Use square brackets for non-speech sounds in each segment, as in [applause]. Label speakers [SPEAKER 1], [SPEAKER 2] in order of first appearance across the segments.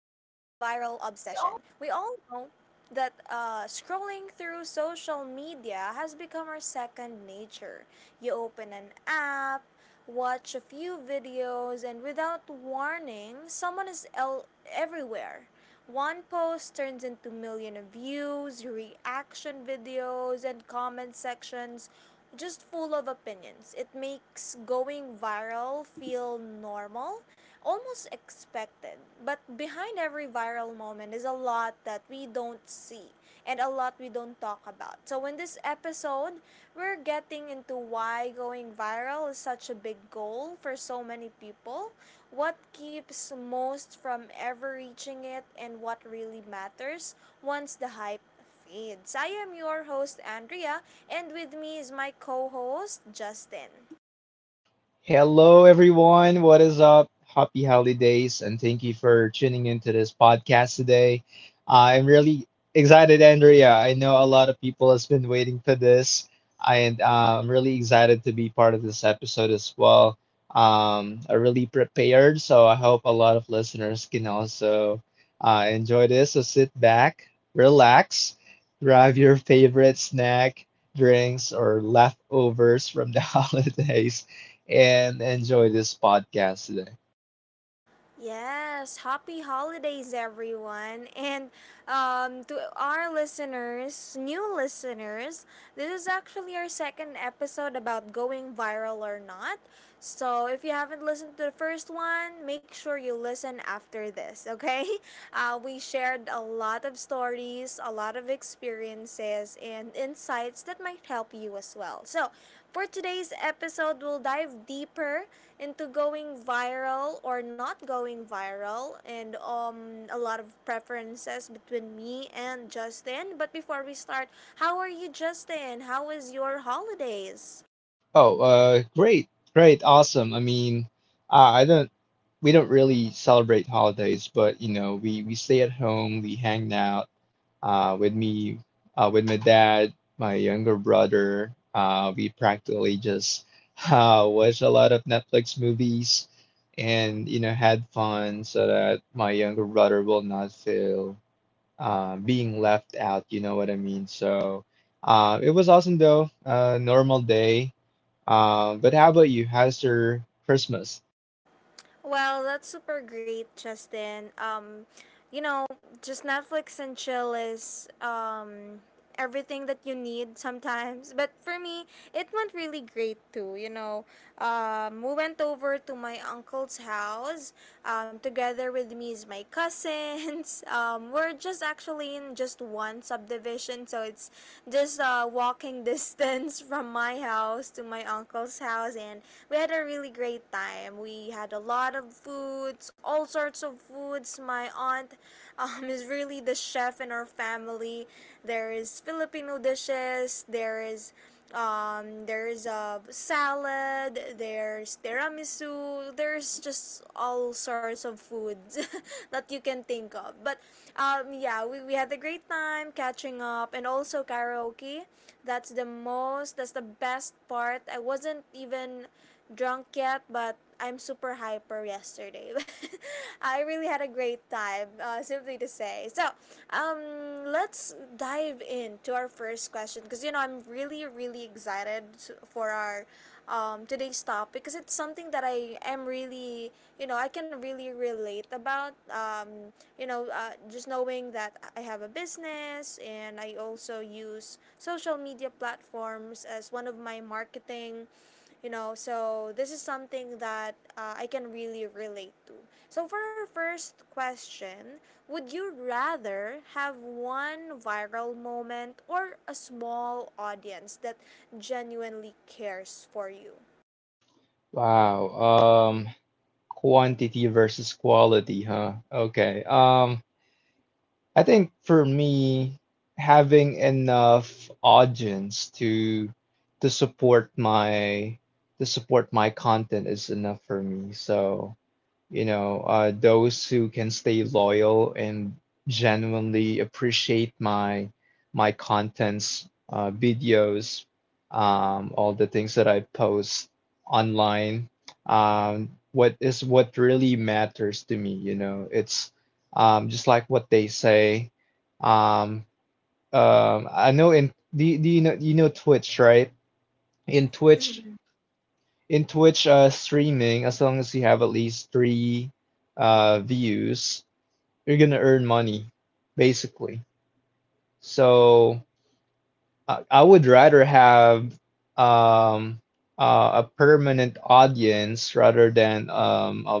[SPEAKER 1] obsession. We all know that scrolling through social media has become our second nature. You open an app, watch a few videos, and without warning, someone is everywhere. One post turns into million of views, reaction videos, and comment sections just full of opinions. It makes going viral feel normal, almost expected. But behind every viral moment is a lot that we don't see and a lot we don't talk about. So, in this episode, we're getting into why going viral is such a big goal for so many people, what keeps most from ever reaching it, and what really matters once the hype fades. I am your host, Andrea, and with me is my co host, Justin.
[SPEAKER 2] Hello, everyone. What is up? Happy holidays, and thank you for tuning into this podcast today. I'm really excited, Andrea. I know a lot of people has been waiting for this, and I'm really excited to be part of this episode as well. I really prepared, so I hope a lot of listeners can also enjoy this. So sit back, relax, grab your favorite snack, drinks, or leftovers from the [laughs] holidays and enjoy this podcast today.
[SPEAKER 1] Yes, happy holidays, everyone. And To our listeners, new listeners, this is actually our second episode about going viral or not. So if you haven't listened to the first one, make sure you listen after this, okay? [laughs] We shared a lot of stories, a lot of experiences and insights that might help you as well. So, for today's episode, we'll dive deeper into going viral or not going viral, and a lot of preferences between me and Justin. But before we start, how are you, Justin? How was your holidays?
[SPEAKER 2] Oh, great, great, awesome. I mean, I don't, we don't really celebrate holidays, but you know, we stay at home, we hang out, uh, with me, with my dad, my younger brother. We practically just [laughs] watch a lot of Netflix movies, and you know, had fun so that my younger brother will not feel being left out, you know what I mean? So it was awesome though, normal day. But how about you? How's your Christmas?
[SPEAKER 1] Well, that's super great, Justin. You know, just Netflix and chill is everything that you need sometimes. But for me, it went really great too. You know, we went over to my uncle's house. Together with me is my cousins. [laughs] We're just actually in just one subdivision, so it's just walking distance [laughs] from my house to my uncle's house, and we had a really great time. We had a lot of foods, all sorts of foods. My aunt [laughs] is really the chef in our family. There is Filipino dishes, there's a salad, there's tiramisu, there's just all sorts of foods [laughs] that you can think of. But yeah, we had a great time catching up, and also karaoke. That's the best part. I wasn't even drunk yet, but I'm super hyper yesterday. [laughs] I really had a great time, simply to say. So, let's dive into our first question, because you know I'm really, really excited for our today's topic, because it's something that I can really relate about. Just knowing that I have a business and I also use social media platforms as one of my marketing, you know, so this is something that I can really relate to. So for our first question, would you rather have one viral moment, or a small audience that genuinely cares for you?
[SPEAKER 2] Wow, quantity versus quality, huh? Okay. I think for me, having enough audience to support my to support my content is enough for me. So you know, those who can stay loyal and genuinely appreciate my contents, videos, all the things that I post online. What is what really matters to me, you know, it's just like what they say. Um, I know in do, you- Do you know Twitch, right? In Twitch, in Twitch streaming, as long as you have at least three views, you're gonna earn money, basically. So I would rather have um, a permanent audience rather than um, a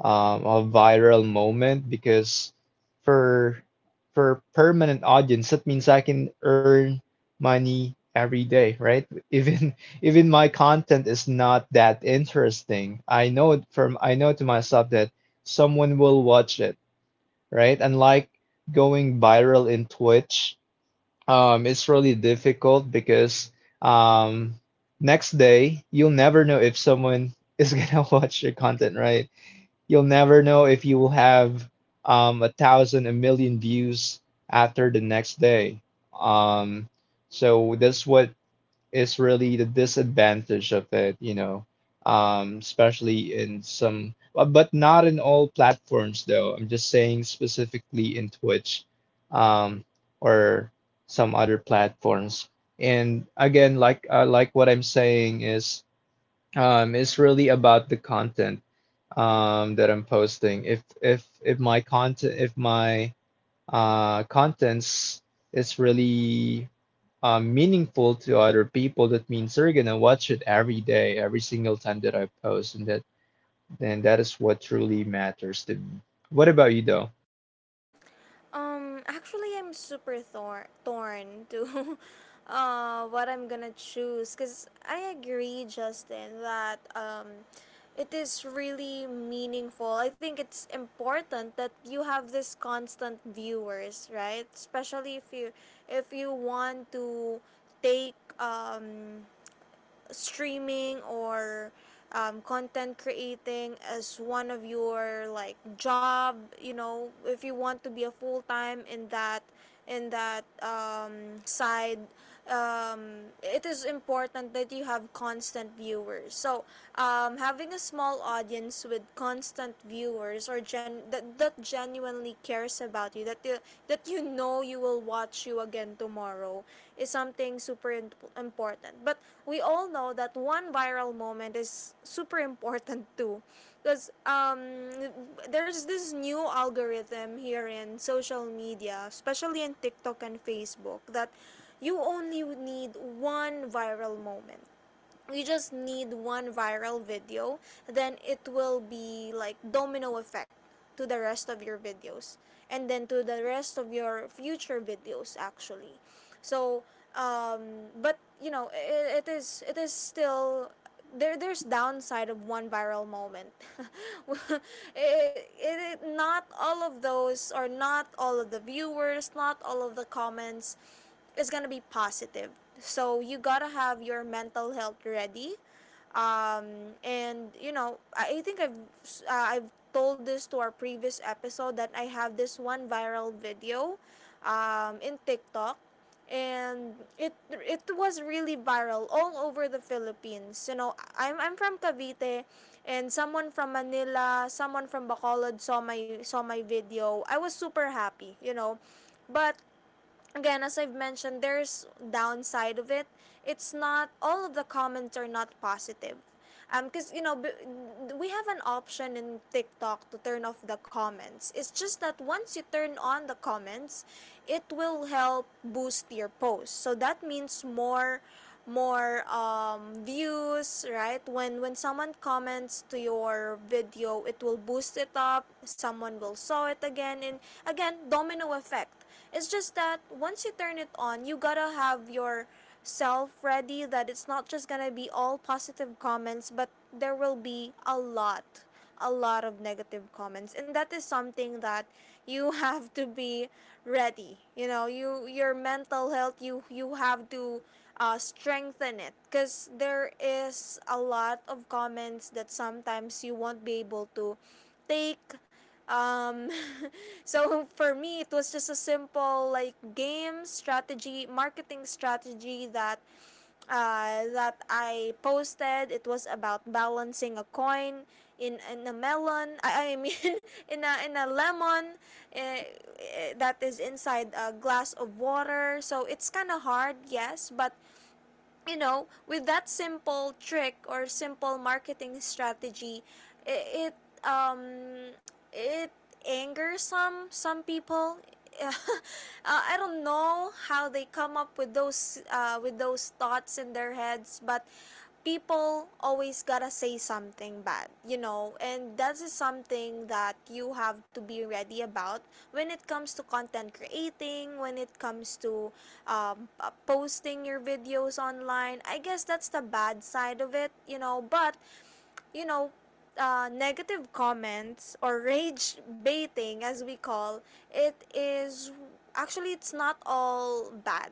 [SPEAKER 2] um, a viral moment because for for permanent audience, that means I can earn money every day, right? Even [laughs] even my content is not that interesting. I know it from I know to myself that someone will watch it, right? And like going viral in Twitch, it's really difficult because um, next day you'll never know if someone is gonna [laughs] watch your content, right? You'll never know if you will have a thousand, a million views after the next day. Um, so that's what is really the disadvantage of it, you know, especially in some, but not in all platforms though. I'm just saying specifically in Twitch, um, or some other platforms. And again, like what I'm saying is, it's really about the content that I'm posting. If my contents is really meaningful to other people, that means they're gonna watch it every day, every single time that I post, and that is what truly matters to me. What about you though?
[SPEAKER 1] Actually, I'm super torn to [laughs] what I'm gonna choose, because I agree, Justin, that it is really meaningful. I think it's important that you have this constant viewers, right? Especially if you want to take streaming or content creating as one of your like job, you know, if you want to be a full time in that side, it is important that you have constant viewers. So having a small audience with constant viewers, or that, that genuinely cares about you, that that you know you will watch you again tomorrow, is something super important. But we all know that one viral moment is super important [laughs] too, because there's this new algorithm here in social media, especially in TikTok and Facebook, that you only need one viral moment. You just need one viral video, then it will be like domino effect to the rest of your videos, and then to the rest of your future videos actually. So but you know it is still there's downside of one viral moment. [laughs] Not all of those, or not all of the viewers, not all of the comments is gonna be positive. So you gotta have your mental health ready, and you know I think uh, I've told this to our previous episode that I have this one viral video, in TikTok, and it was really viral all over the Philippines. You know I'm from Cavite, and someone from Manila, someone from Bacolod saw my video. I was super happy. You know, but again, as I've mentioned, there's downside of it. It's not all of the comments are not positive. Because you know, we have an option in TikTok to turn off the comments. It's just that once you turn on the comments, it will help boost your post. So that means more views, right? When someone comments to your video, it will boost it up. Someone will saw it again, and again, domino effect. It's just that once you turn it on, you gotta have yourself ready that it's not just gonna be all positive comments, but there will be a lot of negative comments. And that is something that you [laughs] have to be ready. You know, your mental health, you have to strengthen it, because there is a lot of comments that sometimes you won't be able to take. um, [laughs] so for me, it was just a simple like game strategy, marketing strategy that that I posted. It was about balancing a coin in a melon. [laughs] I mean, [laughs] in a lemon, uh, that is inside a glass of water. So it's kind of hard, yes, but you know, with that simple trick or simple marketing strategy, it, it um it angers some people. [laughs] uh, I don't know how they come up with those thoughts in their heads, but people always gotta say something bad, you know, and that is something that you have to be ready about when it comes to content creating, when it comes to posting your videos online. I guess that's the bad side of it, you know, but, you know, negative comments or [laughs] rage baiting, as we call it, is actually it's not all bad,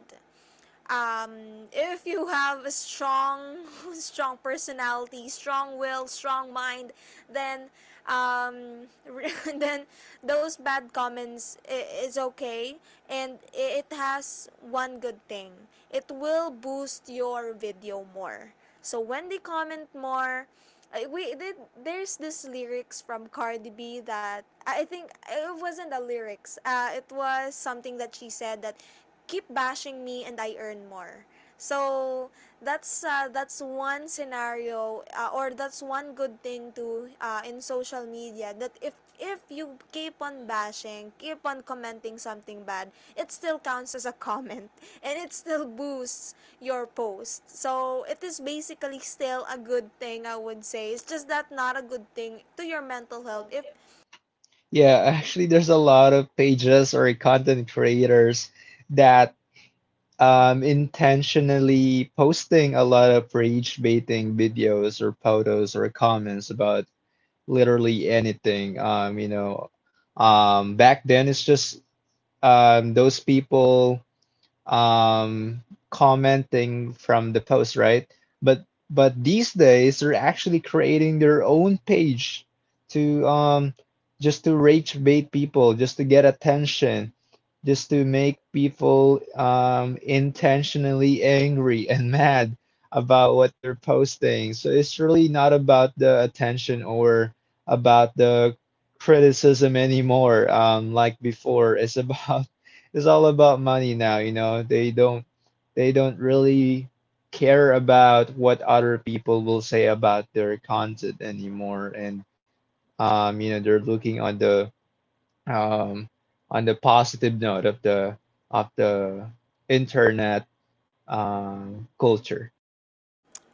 [SPEAKER 1] if you have a strong [laughs] strong personality, strong will, strong mind, then um, [laughs] then those bad comments is okay. And it has one good thing, it will boost your video more. So when they comment more, we did, there's this lyrics from Cardi B that I think it wasn't the lyrics. It was something that she said, that keep bashing me and I earn more. So that's one scenario, or that's one good thing to in social media, that if you keep on bashing, keep on commenting something bad, it still counts as a [laughs] comment, and it still boosts your post. So it is basically still a good thing, I would say. It's just that not a good thing to your mental health if.
[SPEAKER 2] Yeah, [laughs] actually, there's a lot of pages or content creators that intentionally posting a lot of rage baiting videos or photos or comments about literally anything. Back then it's just those people um, commenting from the post, right? But but these days they're actually creating their own page to just to rage bait people, just to get attention, just to make people intentionally angry [laughs] and mad about what they're posting. So it's really not about the attention or about the criticism anymore, like before. It's [laughs] about it's all about money now, you know. They don't really care about what other people will say about their content anymore, and you know they're looking um on the positive note of the internet culture.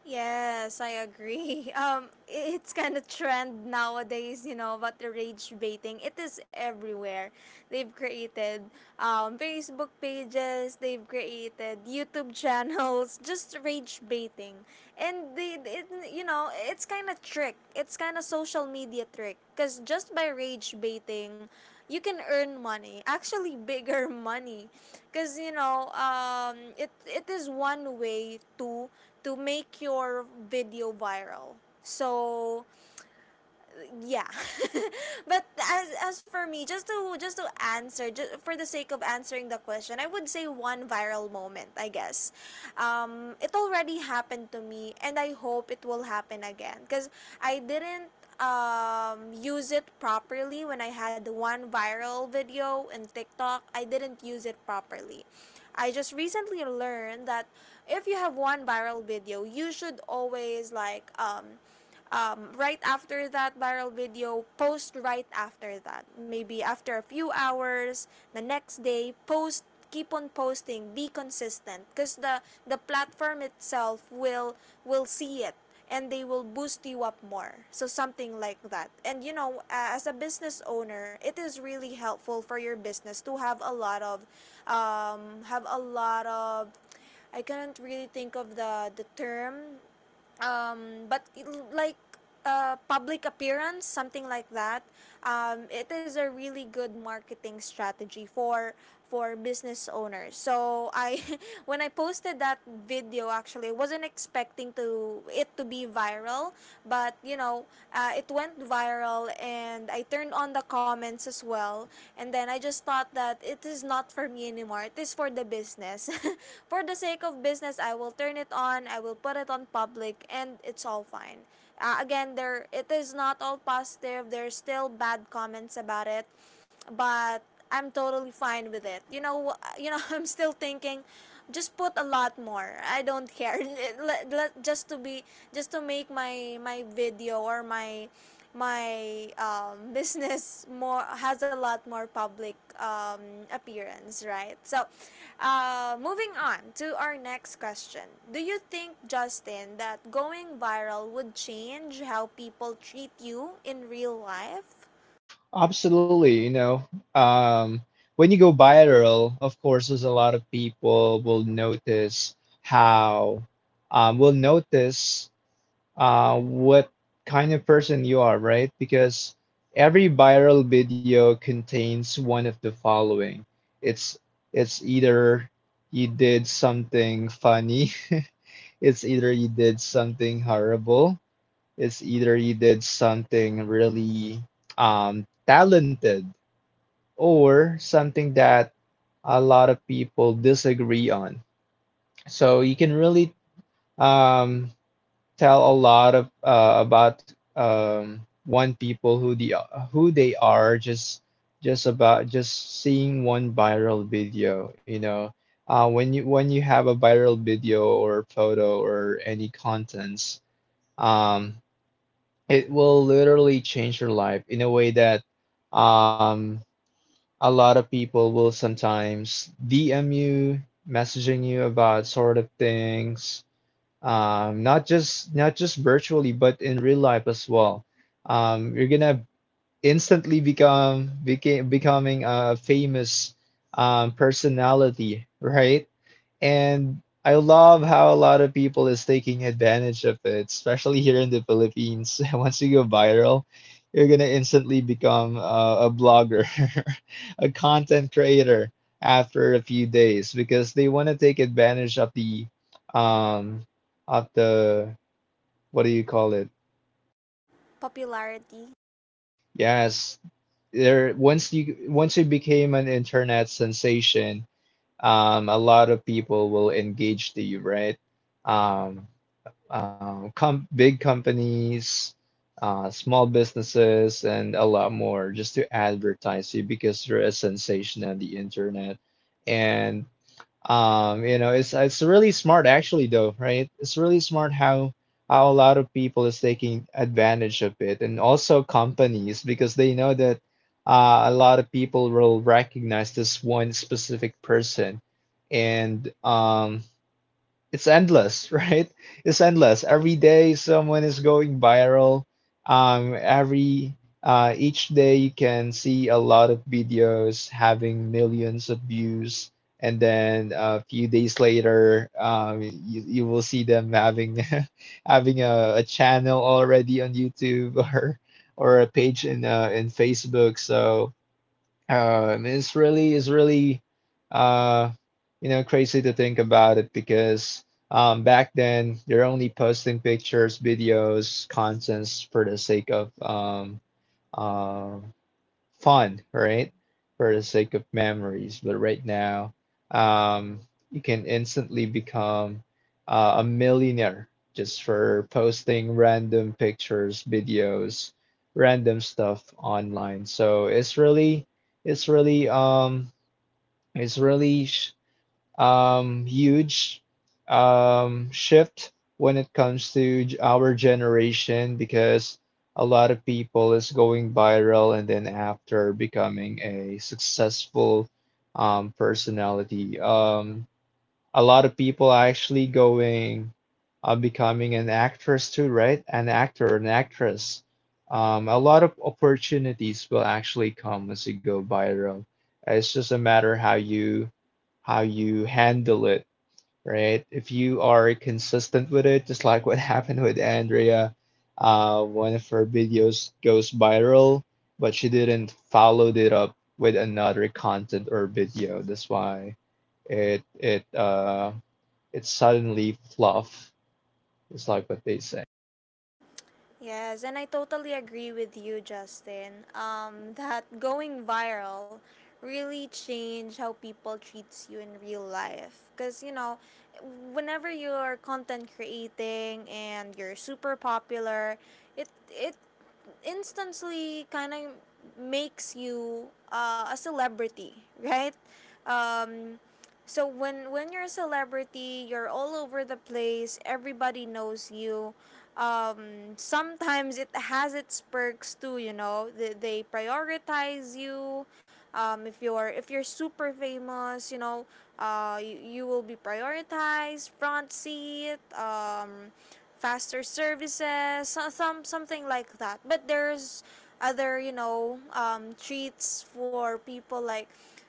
[SPEAKER 1] Yes, I agree. [laughs] It's kind of trend nowadays, you know, about the rage baiting. It is everywhere. They've created Facebook pages, they've created YouTube channels, [laughs] just rage baiting. And you know, it's kind of trick. It's kind of social media trick. Because just by rage baiting, you can earn money. Actually, [laughs] bigger money. Because, you know, it is one way to make your video viral. So yeah. [laughs] But as for me, just to answer, just for the sake of answering the question, I would say one viral moment I guess. It already happened to me and I hope it will happen again, because I didn't use it properly when I had one viral video in TikTok. I didn't use it properly. I just recently learned that if you have one viral video, you should always like right after that viral video, post right after that. Maybe after a few hours, the next day, post, keep on posting, be consistent, because the platform itself will see it, and they will boost you up more, so something like that. And you know, as a business owner, it is really helpful for your business to have a lot of, have a lot of, I couldn't really think of the term, but like, public appearance, something like that. It is a really good marketing strategy for business owners. So I, [laughs] when I posted that video, actually, I wasn't expecting to it to be viral, but you know, it was went viral, and I turned on the comments as well. And then I just thought that it is not for me anymore. It is for the business. [laughs] For the sake of business, I will turn it on, I will put it on public, and it's all fine. Again, there it is not all positive. There's still bad comments about it, but I'm totally fine with it. [laughs] I'm still thinking just put a lot more. I don't care. [laughs] Let- let- just to be just to make my video or my [laughs] business more has a lot more public appearance, right? So, moving on to our next question. Do you think, Justin, that going viral would change how people treat you in real life?
[SPEAKER 2] Absolutely, you know. Um when you go viral, of course, there's a lot of people will notice how um, will notice what kind of person you are, right? Because every viral video contains one of the following. It's it's either you did something funny, [laughs] it's either you did something horrible, it's either you did something really talented, or something that a lot of people disagree on. So you can really um, tell a lot of about one people who the who they are just about just seeing one viral video, you know. When you have a viral video or photo or any contents, um, it will literally change your life in a way that um, a lot of people will sometimes DM you, messaging you about sort of things, not just virtually but in real life as well. You're gonna instantly become became becoming a famous personality, right? And I love how a lot of people is taking advantage of it, especially here in the Philippines. [laughs] Once you go viral, you're gonna instantly become a blogger, [laughs] a content creator after a few days because they want to take advantage of um, of the what do you call it?
[SPEAKER 1] Popularity.
[SPEAKER 2] Yes, there. Once you became an internet sensation, a lot of people will engage to you, right? Um, Com big companies, small businesses, and a lot more just to advertise you because you're a sensation on the internet. And you know, it's really smart actually though, right? It's really smart how a lot of people is taking advantage of it, and also companies because they know that a lot of people will recognize this one specific person. And it's endless, [laughs] right? It's endless. Every day someone is going viral. Every Each day you can see a lot of videos having millions of views, and then a few days later, you will see them having [laughs] having a channel already on YouTube [laughs] or a page in Facebook. So it's really, uh, you know, crazy to think about it because back then they're only posting pictures, videos, contents for the sake of um, fun, right? For the sake of memories. But right now, um, you can instantly become a millionaire just for posting random pictures, videos, random stuff online. So it's really, it's really, it's really sh huge shift when it comes to our generation because a lot of people is going viral and then after becoming a successful personality. A lot of people are actually going becoming an actress too, right? An actress. A lot of opportunities will actually come as you go viral. It's just a matter how you handle it, right? If you are consistent with it, just like what [laughs] happened with Andrea, one of her videos goes viral, but she didn't follow it up with another content or video. That's why it it uh it's suddenly fluff. It's like what they say.
[SPEAKER 1] Yes, and I totally agree with you, Justin. [laughs] That going viral really change how people treats you in real life. Cause you know, whenever you're content creating and you're super popular, it instantly kind of makes you a celebrity, [laughs] right? Um, so when you're a celebrity, you're all over the place. Everybody knows you. Sometimes it has its perks too. You know, they prioritize you. If you're super famous, you know, you will be prioritized, front seat, faster services, some something like that. But there's other, you know, treats for people like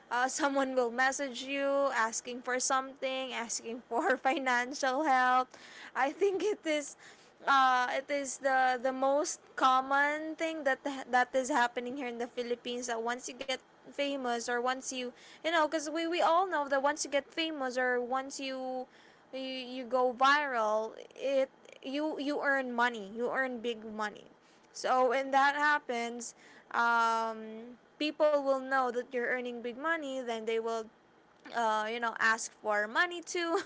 [SPEAKER 1] [laughs] someone will message you asking for something, asking for [laughs] financial help. I think it is the most common thing that is happening here in the Philippines, that once you get famous or once you, you know, because we all know that once you get famous or once you, you go viral, it, you earn money, you earn big money. So when that happens, people will know that you're earning big money, then they will, you know, ask for money, to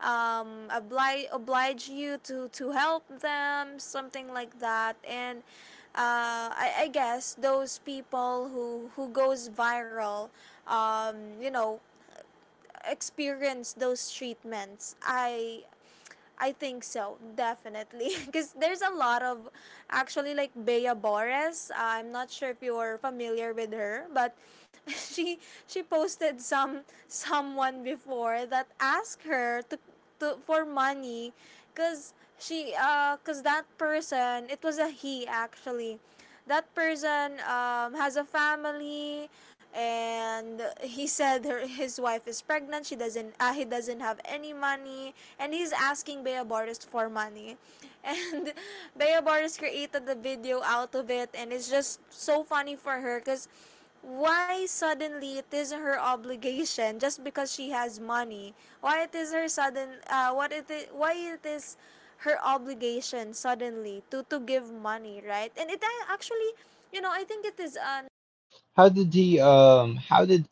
[SPEAKER 1] [laughs] oblige you to help them, something like that. And I guess those people who goes viral, you know, experience those treatments. I think so, definitely. [laughs] Because there's a lot of, actually, like Bea Bores. I'm not sure if you're familiar with her, but [laughs] she she posted some, someone before that asked her to for money, cause she cause that person, it was a he, actually, that person, has a family, and he said her, his wife is pregnant, she doesn't he doesn't have any money, and he's asking Bea Boris for money. And [laughs] Bea Boris created the video out of it, and it's just so funny for her, because why suddenly it is her obligation just because she has money? Why it is her sudden, what it is why it is her obligation suddenly to give money, right? And actually, you know, I think it is, uh.
[SPEAKER 2] How did the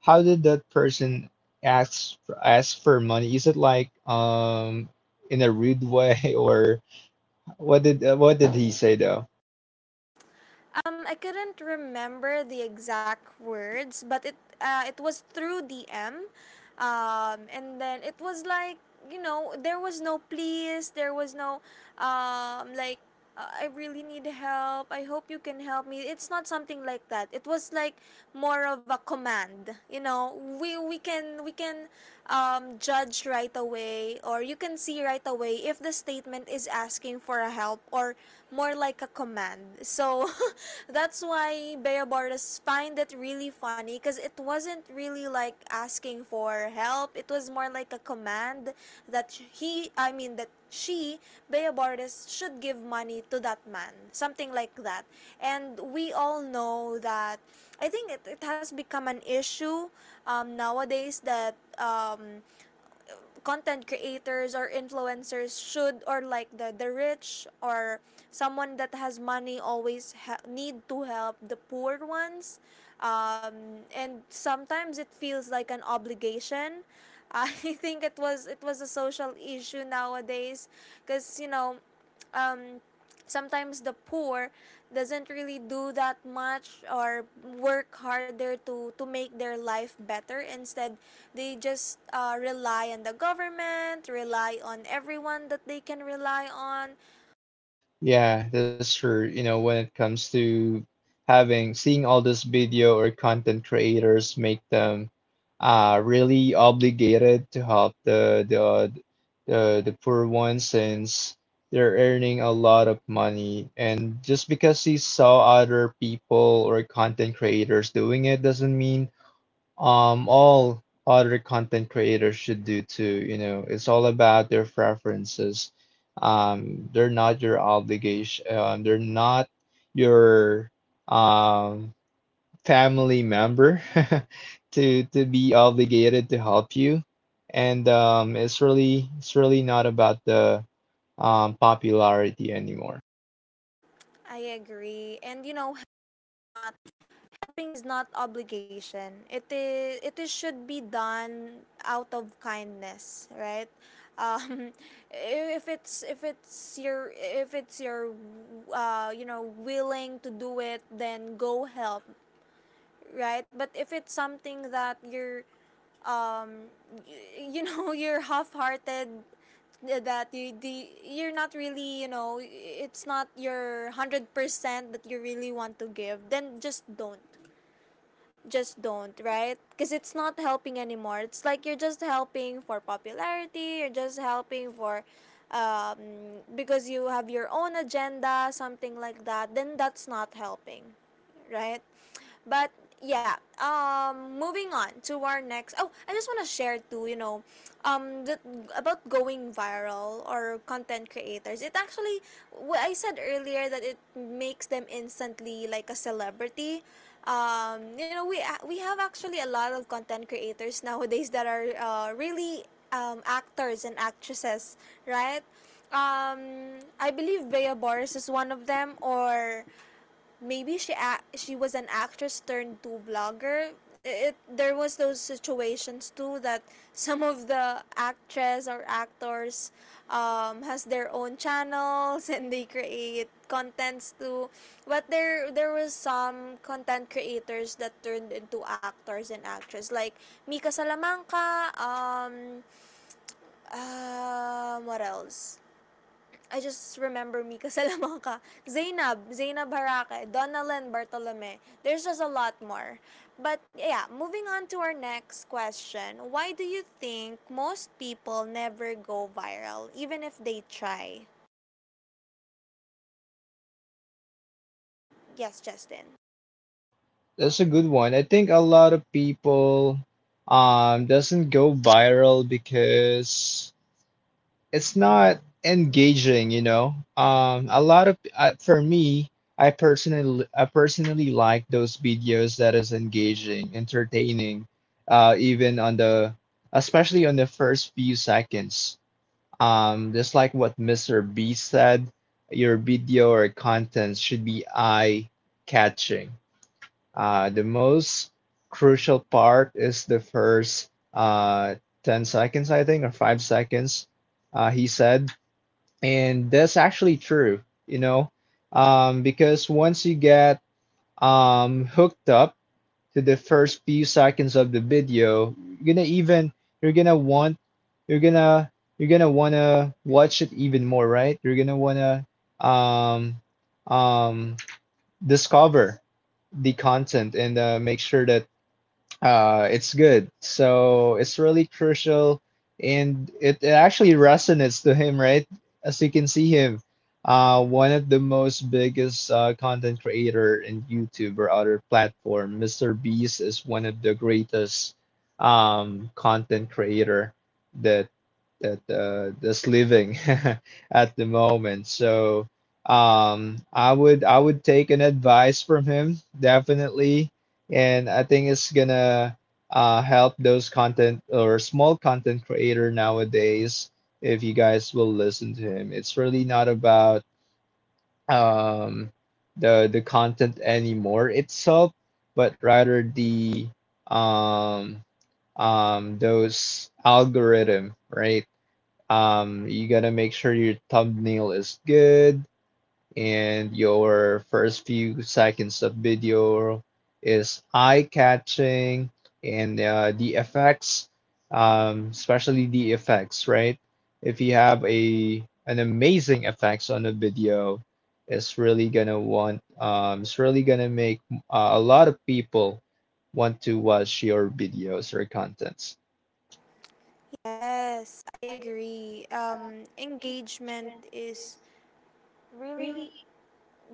[SPEAKER 2] how did that person ask for money? Is it like in a rude way, [laughs] or what did he say though?
[SPEAKER 1] I couldn't remember the exact words, but it was through DM, and then it was like, you know, there was no please, there was no um, like, I really need help. I hope you can help me. It's not something like that. It was like more of a command. You know, we can judge right away, or you can see right away, if the statement is asking for a help, or more like a command. So [laughs] that's why Bea find it really funny, because it wasn't really like asking for help. It was more like a command, that that she, Bea, should give money to that man. Something like that. And we all know that, I think it has become an issue nowadays, that content creators or influencers should, or like the rich or someone that has money, always need to help the poor ones, um. And sometimes it feels like an obligation. I [laughs] Think it was, it was a social issue nowadays, because you know, um, sometimes the poor doesn't really do that much or work harder to make their life better. Instead they just, rely on the government, rely on everyone that they can rely on.
[SPEAKER 2] Yeah, that's true. You know, when it comes to having, seeing all this video or content creators make them really obligated to help the poor ones since they're earning a lot of money. And just because he saw other people or content creators doing it doesn't mean all other content creators should do too. You know, it's all about their preferences. They're not your obligation, they're not your um family member [laughs] to be obligated to help you. And it's really, it's really not about the popularity anymore.
[SPEAKER 1] I agree, and you know, it's not. Helping is not obligation. It is should be done out of kindness, right? Um, [laughs] if it's your you know, willing to do it, then go help, right? But if it's something that you're um, you know, [laughs] you're half-hearted, that you the you're not really, you know, it's not your 100% that you really want to give, then just don't, just don't, right? Because it's not helping anymore. It's like you're just helping for popularity, you're just helping for because you have your own agenda, something like that, then that's not helping, right? But yeah, moving on to our next. Oh, I just want to share too. You know, that about going viral or content creators. It actually, I said earlier that it makes them instantly like a celebrity. You know, we have actually a lot of content creators [laughs] nowadays that are really actors and actresses, right? I believe Bea Boris is one of them, or maybe she was an actress turned to vlogger. It, there was those situations too, that some of the actress or actors has their own channels [laughs] and they create contents too. But there was some content creators that turned into actors and actresses, like Mika Salamanca. Um, what else? I just remember Mika [laughs] Salamanca, Zainab Harake, Donalyn Bartolome. There's just a lot more. But yeah, moving on to our next question. Why do you think most people never go viral, even if they try? Yes, Justin.
[SPEAKER 2] That's a good one. I think a lot of people doesn't go viral because it's not engaging, you know. A lot of for me, I personally like those videos that is engaging, entertaining, even on the especially on the first few seconds. Just like what Mr. B said, your video or content should be eye catching. The most crucial part is the first 10 seconds, I think, or 5 seconds, he said, and that's actually true, you know, because once you get hooked up to the first few seconds of the video, you're gonna even you're gonna want you're gonna you're gonna wanna watch it even more, right? you're gonna wanna um, um, Discover the content and make sure that it's good. So it's really crucial, and it actually resonates to him, right? As you can see him, one of the most biggest content creator in YouTube or other platform. Mr. Beast is one of the greatest content creator that that that's living [laughs] at the moment. So I would take an advice from him definitely, and I think it's gonna help those content or small content creator nowadays if you guys will listen to him. It's really not about um, the content anymore itself, but rather the um, those algorithm, right? You gotta make sure your thumbnail is good and your first few seconds of video is eye-catching, and the effects, especially the effects, right? If you have a an amazing effects on a video, it's really gonna it's really gonna make a lot of people want to watch your videos or contents.
[SPEAKER 1] Yes, I agree. Engagement is really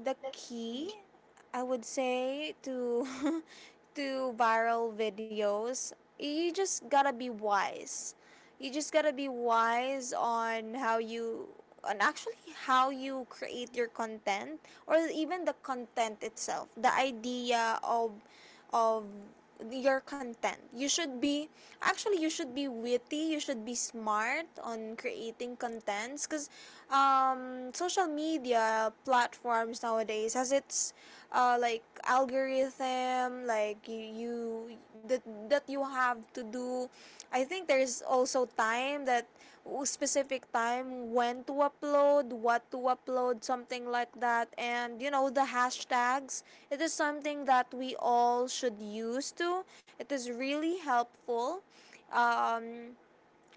[SPEAKER 1] the key, I would say, to [laughs] to viral videos. You just gotta be wise, you just gotta be wise on how you, on actually how you create your content, or even the content itself, the idea of of your content. You should be, actually you should be witty, you should be smart on creating contents, cuz um, social media platforms nowadays has its like algorithm, you, that that you have to do. I think there is also time that, specific time when to upload, what to upload, something like that. And you know, the hashtags, it is something that we all should use to. It is really helpful. Um,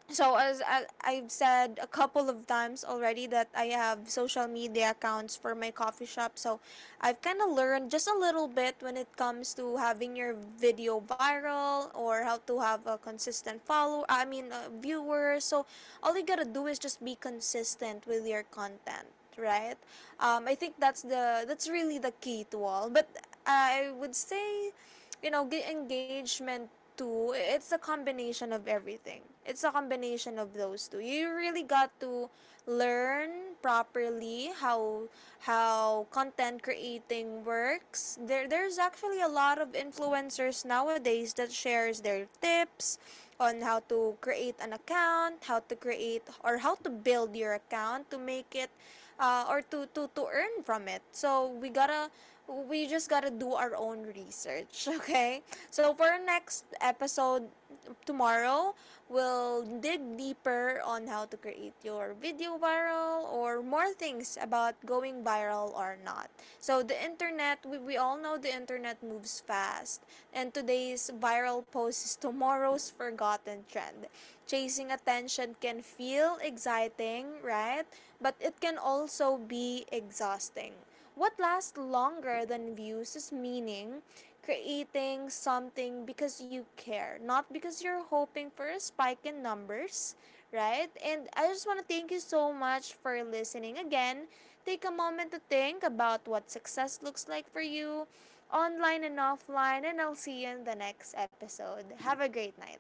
[SPEAKER 1] so as I've said a couple of times already, that I have social media accounts for my coffee shop. So I've kind of learned just a little bit when it comes to having your video viral, or how to have a consistent follow I mean viewers. So all you got to do is just be consistent with your content, right? I think that's the that's really the key to all. But I would say, you know, get engagement too. It's a combination of everything. It's a combination of those two. You really got to learn properly how content creating works. There's actually a lot of influencers nowadays that shares their tips, on how to create an account, how to create, or how to build your account, to make it to earn from it. So we just gotta do our own research, [laughs] okay? So for our next episode, tomorrow, we'll dig deeper on how to create your video viral, or more things about going viral or not. So the internet, we all know the internet moves fast. And today's viral post is tomorrow's forgotten trend. Chasing attention can feel exciting, right? But it can also be exhausting. What lasts longer than views is meaning, creating something because you care, not because you're hoping for a spike in numbers, right? And I just want to thank you so much for listening again. Take a moment to think about what success looks like for you, online and offline, and I'll see you in the next episode. Have a great night.